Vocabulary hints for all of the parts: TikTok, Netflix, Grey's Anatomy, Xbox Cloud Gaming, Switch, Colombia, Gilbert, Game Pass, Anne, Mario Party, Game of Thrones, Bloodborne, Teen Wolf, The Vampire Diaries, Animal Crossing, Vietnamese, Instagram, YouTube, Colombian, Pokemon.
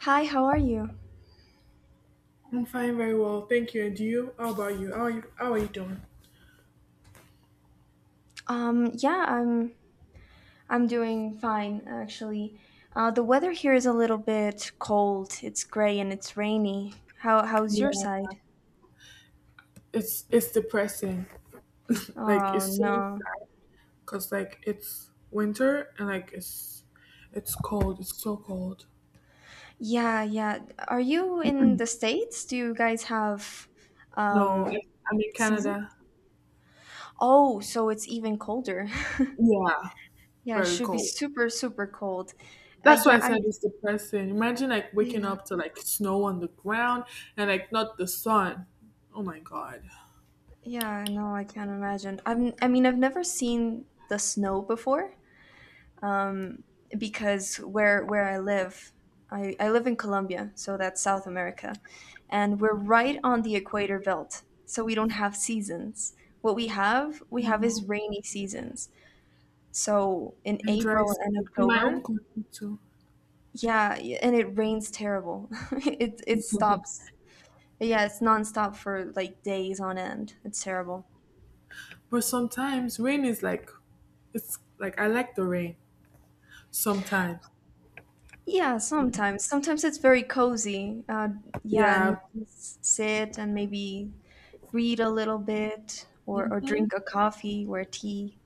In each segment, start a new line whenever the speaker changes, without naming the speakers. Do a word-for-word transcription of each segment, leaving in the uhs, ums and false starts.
Hi, how are you?
I'm fine, very well, thank you. And you? How about you? How are you? How are you doing?
Um, yeah, I'm I'm doing fine actually. Uh, the weather here is a little bit cold. It's gray and it's rainy. How how's your
Yeah,
side?
it's it's depressing. Like
Oh
it's so
no.
sad because like it's winter and like it's it's cold. It's so cold.
Yeah, yeah. Are you in the States? Do you guys have
No,
um
I- I'm in
season?
Canada.
Oh, so it's even colder.
Yeah,
Yeah, it
very
should be
cold.
super super cold. Uh,
That's why
yeah,
I
I
said it's depressing. Imagine like waking
yeah.
up to like snow on the ground and like not the sun. Oh my god.
Yeah, no, I can't imagine. I'm I mean, I've never seen the snow before. um, because where where I live, I, I live in Colombia, so that's South America, and we're right on the equator belt, so we don't have seasons. What we have, we have
Mhm.
is rainy seasons. So in
And dry
April and
season in my
October,
own country too.
yeah, and it rains terrible. It it stops. Yeah, it's nonstop for like days on end. It's terrible.
But sometimes rain is like it's like I like the rain sometimes.
Yeah, sometimes. Sometimes it's very cozy. Uh, yeah, and
Yeah.
you s- sit and maybe read a little bit or, or
hmm
drink a coffee or a tea.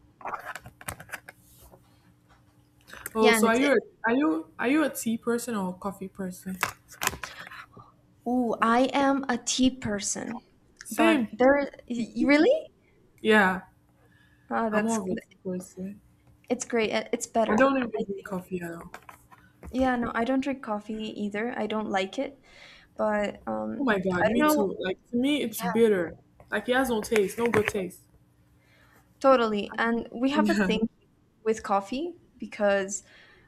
Oh,
Yeah, and
so are
it's
you
it.
a, are you are you a tea person or a coffee person?
Ooh, I am a tea person, but
Same.
there, you really?
Yeah,
Oh,
I'm
that's
more of a tea person.
it's great. It- It's
I
better,
don't even
I
drink
think.
coffee at all.
Yeah, no, I don't drink coffee either. I don't like it, but
Oh
um,
my god,
I don't
me
know.
too. Like to me, it's
Yeah,
bitter. Like it has no taste, no good taste.
totally. And we have a
Yeah.
thing with coffee because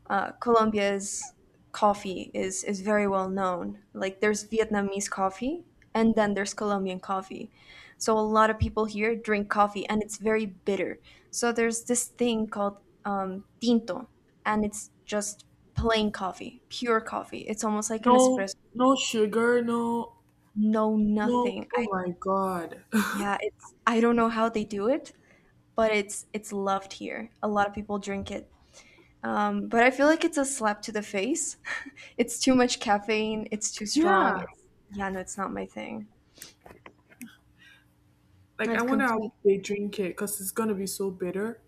uh, Colombia's coffee is is very well known. Like there's Vietnamese coffee and then there's Colombian coffee. So a lot of people here drink coffee and it's very bitter. So there's this thing called um, tinto and it's just plain coffee, pure coffee. It's almost like an
No,
espresso,
no sugar. No,
no
no.
nothing. I,
Oh my god.
yeah, it's I don't know how they do it, but it's it's loved here. A lot of people drink it. Um, but I feel like it's a slap to the face. It's too much caffeine. It's too strong.
Yeah.
It's, yeah, no, it's not my thing.
Like I
I'd
wonder how
complete.
they drink it because it's gonna be so bitter.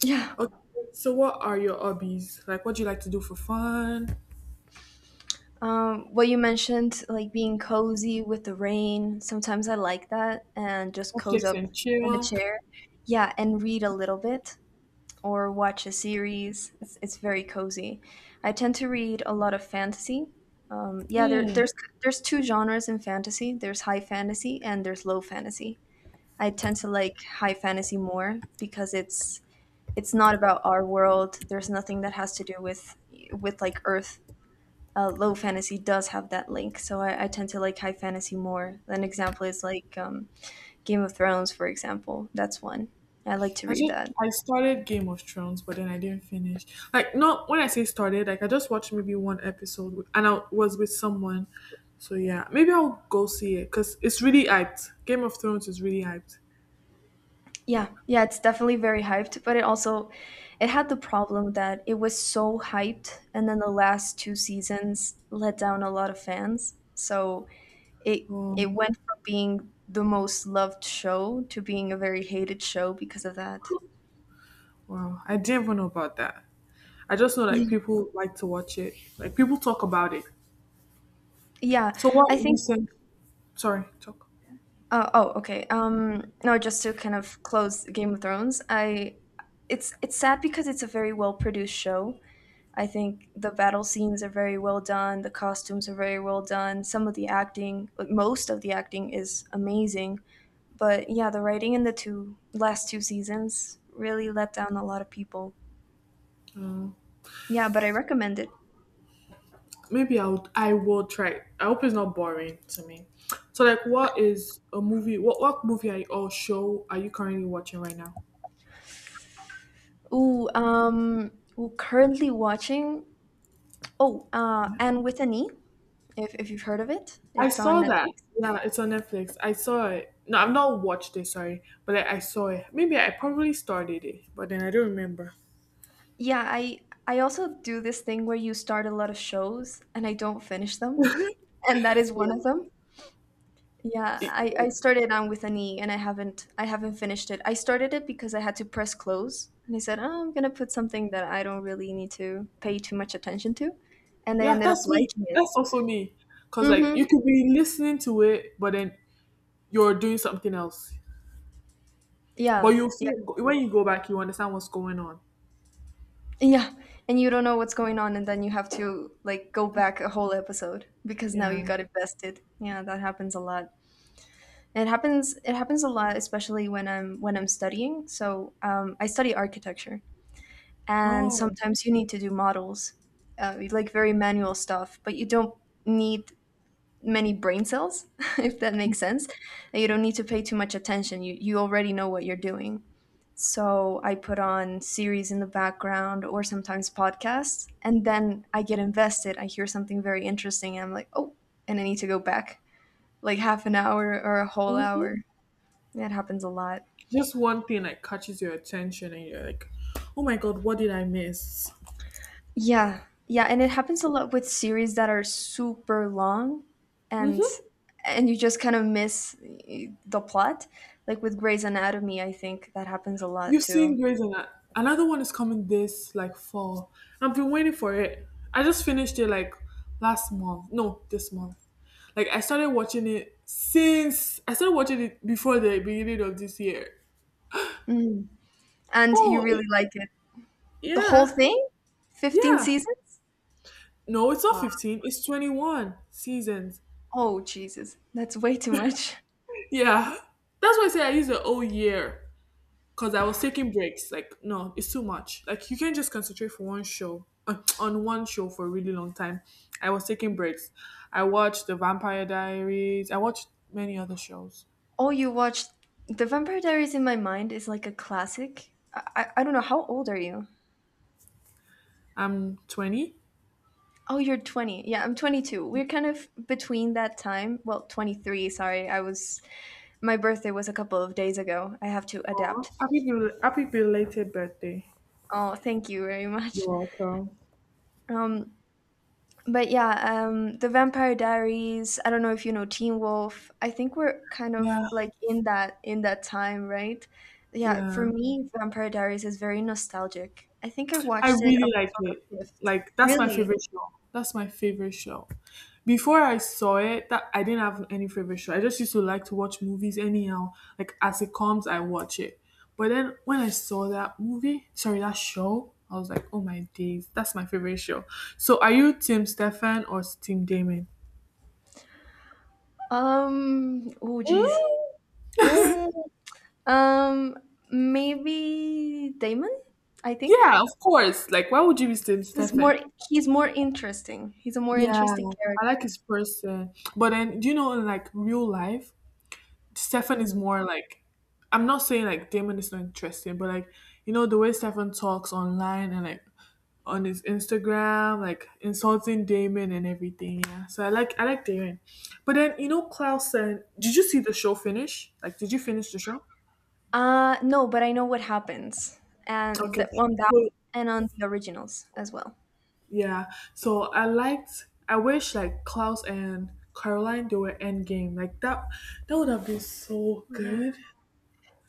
Yeah.
Okay, so what are your hobbies? Like, what do you like to do for fun?
Um, what you mentioned, like being cozy with the rain, sometimes I like that and just coze
Netflix
up
and
in a
chill.
chair. Yeah, and read a little bit or watch a series. It's, it's very cozy. I tend to read a lot of fantasy. Um, Yeah, there,
Hmm.
there's there's two genres in fantasy. There's high fantasy and there's low fantasy. I tend to like high fantasy more because it's it's not about our world. There's nothing that has to do with with like Earth. Uh, low fantasy does have that link, so I, I tend to like high fantasy more. An example is like um, Game of Thrones, for example. That's one I like to
I
read
just
that.
I started Game of Thrones, but then I didn't finish. Like, not when I say started, like I just watched maybe one episode, with- and I was with someone. So yeah, maybe I'll go see it because it's really hyped. Game of Thrones is really hyped.
Yeah, yeah, it's definitely very hyped, but it also it had the problem that it was so hyped, and then the last two seasons let down a lot of fans. So It it
Um,
went from being the most loved show to being a very hated show because of that.
wow, I didn't even know about that. I just know like
Yeah,
people like to watch it. Like people talk about it.
yeah.
So what
I think.
recent? Sorry, talk.
Uh, oh, okay. Um, no, just to kind of close Game of Thrones. I, it's it's sad because it's a very well produced show. I think the battle scenes are very well done. The costumes are very well done. Some of the acting, most of the acting, is amazing. But yeah, the writing in the two last two seasons really let down a lot of people.
Uh,
Yeah, but I recommend it.
Maybe I would I will try. I hope it's not boring to me. So like what is a movie what what movie are you, or show are you currently watching right now?
Ooh, um, ooh, Currently watching. Oh, uh, and with an E, if if you've heard of it,
I
it's on
saw that.
Netflix.
Yeah, it's on Netflix. I saw it. No, I've not watched it, sorry, but I, I saw it. Maybe I probably started it, but then I don't remember.
Yeah, I I also do this thing where you start a lot of shows and I don't finish them, and that is one of
Yeah,
them. Yeah,
It-
I I started on with an E and I haven't I haven't finished it. I started it because I had to press close, and I said, oh, I'm gonna put something that I don't really need to pay too much attention to, and I
yeah,
ended up
that's me.
liking it.
That's also me. Cause like
Mm-hmm.
you could be listening to it, but then you're doing something else. But
Yeah,
you
yeah.
feel when you go back, you understand what's going on.
Yeah, and you don't know what's going on, and then you have to like go back a whole episode because now
Yeah.
you got invested. Yeah, that happens a lot. It happens. It happens a lot, especially when I'm when I'm studying. So um, I study architecture, and
Oh.
sometimes you need to do models, uh, like very manual stuff. But you don't need many brain cells, if that makes sense. And you don't need to pay too much attention. You you already know what you're doing. So I put on series in the background or sometimes podcasts, and then I get invested. I hear something very interesting, and I'm like, oh, and I need to go back like half an hour or a whole
Mhm.
hour. That happens a lot.
Just one thing that catches your attention and you're like, oh my god, what did I miss?
Yeah. Yeah, and it happens a lot with series that are super long and
hmm
and you just kind of miss the plot. Like with Grey's Anatomy, I think that happens a lot
You've
too.
seen Grey's and another one is coming this like fall. I've been waiting for it. I just finished it like last month. No, this month. Like I started watching it since I started watching it before the beginning of this year.
Mm. And you
Oh
really
it-
like it. The whole
yeah,
thing? fifteen
yeah.
seasons?
No, it's not
Wow.
fifteen. It's twenty-one seasons.
Oh, Jesus. That's way too much.
Yeah, that's why I say I use the whole year, because I was taking breaks. Like, no, it's too much. Like, you can't just concentrate for one show uh, on one show for a really long time. I was taking breaks. I watched The Vampire Diaries. I watched many other shows.
Oh, you watched The Vampire Diaries in my mind is like a classic. I, I, I don't know. How old are you?
I'm twenty.
Oh, you're twenty. Yeah, I'm twenty-two. We're kind of between that time. Well, twenty-three, sorry. I was. My birthday was a couple of days ago. I have to adapt.
Happy, bel- happy belated birthday.
Oh, thank you very
You're
much.
welcome.
Um, But yeah, um, the Vampire Diaries. I don't know if you know Teen Wolf. I think we're kind of
Yeah,
like in that in that time, right? Yeah,
yeah.
for me, Vampire Diaries is very nostalgic. I think I
I
watched it
really
up
like
until
it.
the fifth.
Like that's my
Really?
favorite show. That's my favorite show. Before I saw it, that I didn't have any favorite show. I just used to like to watch movies anyhow. Like as it comes, I watch it. But then when I saw that movie, sorry, that show, I was like, oh my days, that's my favorite show. So are you Tim Stefan or Team Damon?
Um. Oh, jeez.
Mm,
Mm, um. Maybe Damon. I think
yeah, of course. Like why would you be Tim
he's
Stefan?
more. He's more interesting. He's a more
Yeah,
interesting
I like
character.
his person. But then, do you know in like real life, Stefan is
Hmm.
more like I'm not saying like Damon is not interesting, but like you know the way Stefan talks online and like on his Instagram, like insulting Damon and everything. Yeah, so I like I like Damon, but then you know Clausen. Did you see the show finish? Like, did you finish the show?
Uh no, but I know what happens. And
Okay,
the, on that
so
and on the originals as well.
yeah, so I liked. I wish like Klaus and Caroline they were end game. Like that, that would have been so
Yeah.
good.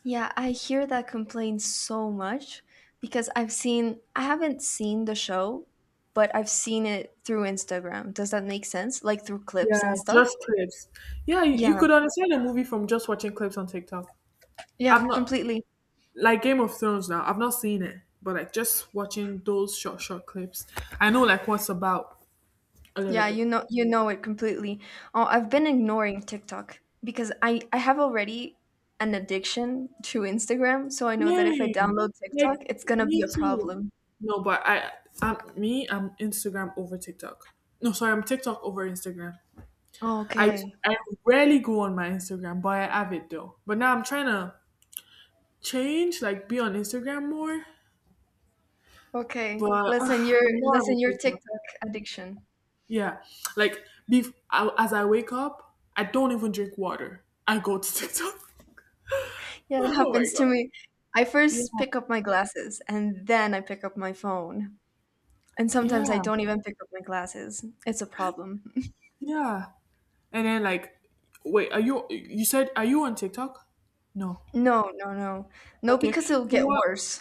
Yeah, I hear that complaint so much because I've seen I haven't seen the show, but I've seen it through Instagram. Does that make sense? Like through clips
Yeah,
and stuff?
just clips. Yeah, you, you
Yeah.
could understand a movie from just watching clips on TikTok.
Yeah,
I've not
completely.
like Game of Thrones now. I've not seen it, but like just watching those short short clips, I know like what's about a little
Yeah, you
bit.
know you know it completely. Oh, I've been ignoring TikTok because I I have already an addiction to Instagram, so I know that if I
Same.
download TikTok,
Like
it's going to be a
me too.
problem.
No, but I, I'm me. I'm Instagram over TikTok. No, sorry, I'm TikTok over Instagram.
Oh,
I
okay.
I rarely go on my Instagram, but I have it though. But now I'm trying to change, like be on Instagram more.
Okay.
But
Lessen
ugh,
your
I'm more of a
lessen your
TikTok.
TikTok addiction.
Yeah. Like, bef- I, as I wake up, I don't even drink water. I go to TikTok.
Yeah, it
Oh my
happens to
god.
me. I
Yeah.
first pick up my glasses and then I pick up my phone. And sometimes I
Yeah.
don't even pick up my glasses. It's a problem.
Yeah. And then like, wait, are you? You said are you on TikTok? No.
No, no, No. No,
Okay.
because it'll
So
get
what?
worse.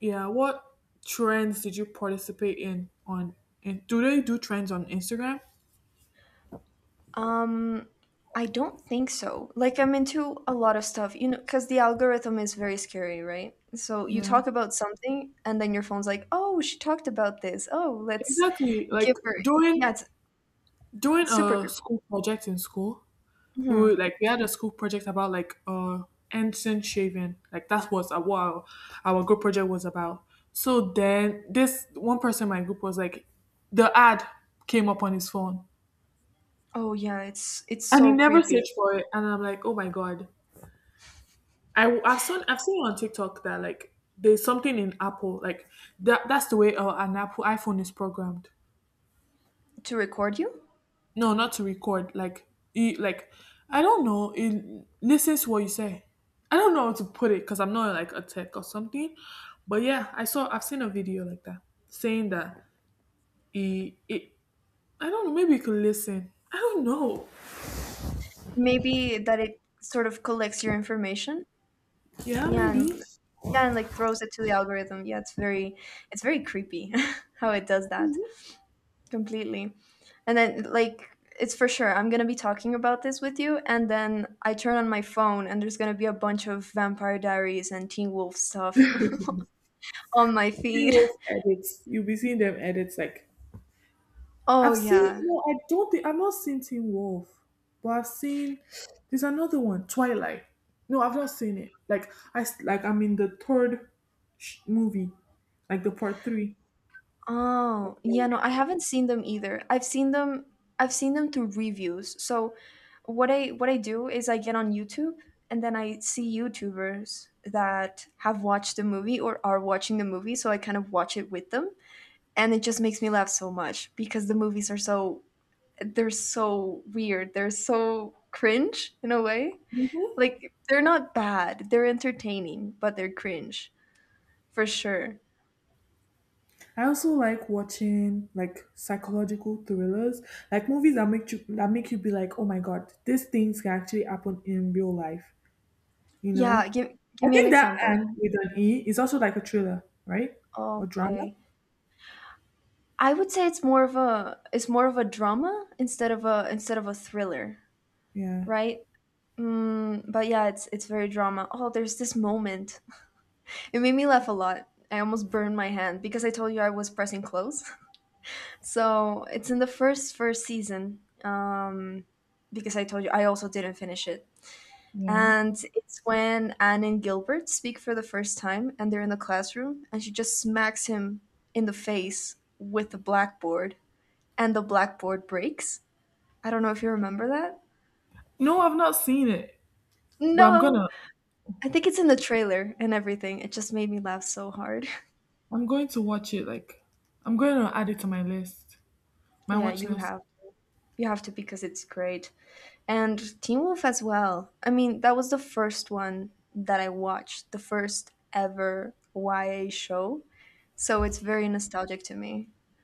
Yeah. What trends did you participate in on? In, do they do trends on Instagram?
Um, I don't think so. Like I'm into a lot of stuff, you know, because the algorithm is very scary, right? So you
Yeah.
talk about something, and then your phone's like, "Oh, she talked about this. Oh, let's
Exactly. Like
give her." Yeah,
doing
it's
doing a
super.
school project in school. We
hmm
were, like we had a school project about like uh ensign shaving, like that was a what our, our group project was about. So then this one person in my group was like the ad came up on his phone,
Oh yeah, it's it's
and he
so
never
creepy
searched for it, and I'm like, oh my god. I, i've seen I've seen on TikTok that like there's something in Apple like that that's the way uh, an Apple iPhone is programmed.
to record you.
No, not to record. Like, you, like I don't know. It listens to what you say. I don't know how to put it because I'm not like a tech or something. But yeah, I saw. I've seen a video like that saying that it. It I don't know. Maybe you could listen. I don't know.
Maybe that it sort of collects your information.
Yeah,
Yeah, and
maybe.
yeah, and like throws it to the algorithm. Yeah, it's very it's very creepy how it does that completely. And then like it's for sure I'm gonna be talking about this with you, and then I turn on my phone and there's gonna be a bunch of Vampire Diaries and Teen Wolf stuff on my
See
feed.
Wolf edits. You'll be seeing them edits like
Oh
I've seen
yeah,
no, I don't think I've not seen Teen Wolf, but I've seen there's another one, Twilight. No, I've not seen it. Like I s- like I'm in the third sh- movie, like the part three.
oh, yeah, no, I haven't seen them either. I've seen them I've seen them through reviews. So what I what I do is I get on YouTube and then I see YouTubers that have watched the movie or are watching the movie, so I kind of watch it with them. And it just makes me laugh so much because the movies are so they're so weird. They're so cringe in a way.
Mm-hmm.
Like they're not bad. They're entertaining, but they're cringe for sure.
I also like watching like psychological thrillers, like movies that make you that make you be like, oh my god, these things can actually happen in real life. You
Yeah,
know,
give
I
give me an
think that
example.
and with an E is also like a thriller, right? Or drama.
Okay. I would say it's more of a it's more of a drama instead of a instead of a thriller,
Yeah.
right? Mm, but yeah, it's it's very drama. Oh, there's this moment. It made me laugh a lot. I almost burned my hand because I told you I was pressing close. So it's in the first first season. Um, because I told you I also didn't finish it.
Yeah.
And it's when Anne and Gilbert speak for the first time, and they're in the classroom, and she just smacks him in the face with the blackboard, and the blackboard breaks. I don't know if you remember that.
No, I've not seen it, but I'm
No,
gonna
I think it's in the trailer and everything. It just made me laugh so hard.
I'm going to watch it. Like I'm going to add it to my list, my
Yeah,
watch
you
list.
have you have to because it's great. And Teen Wolf as well. I mean, that was the first one that I watched, the first ever Y A show. So it's very nostalgic to me.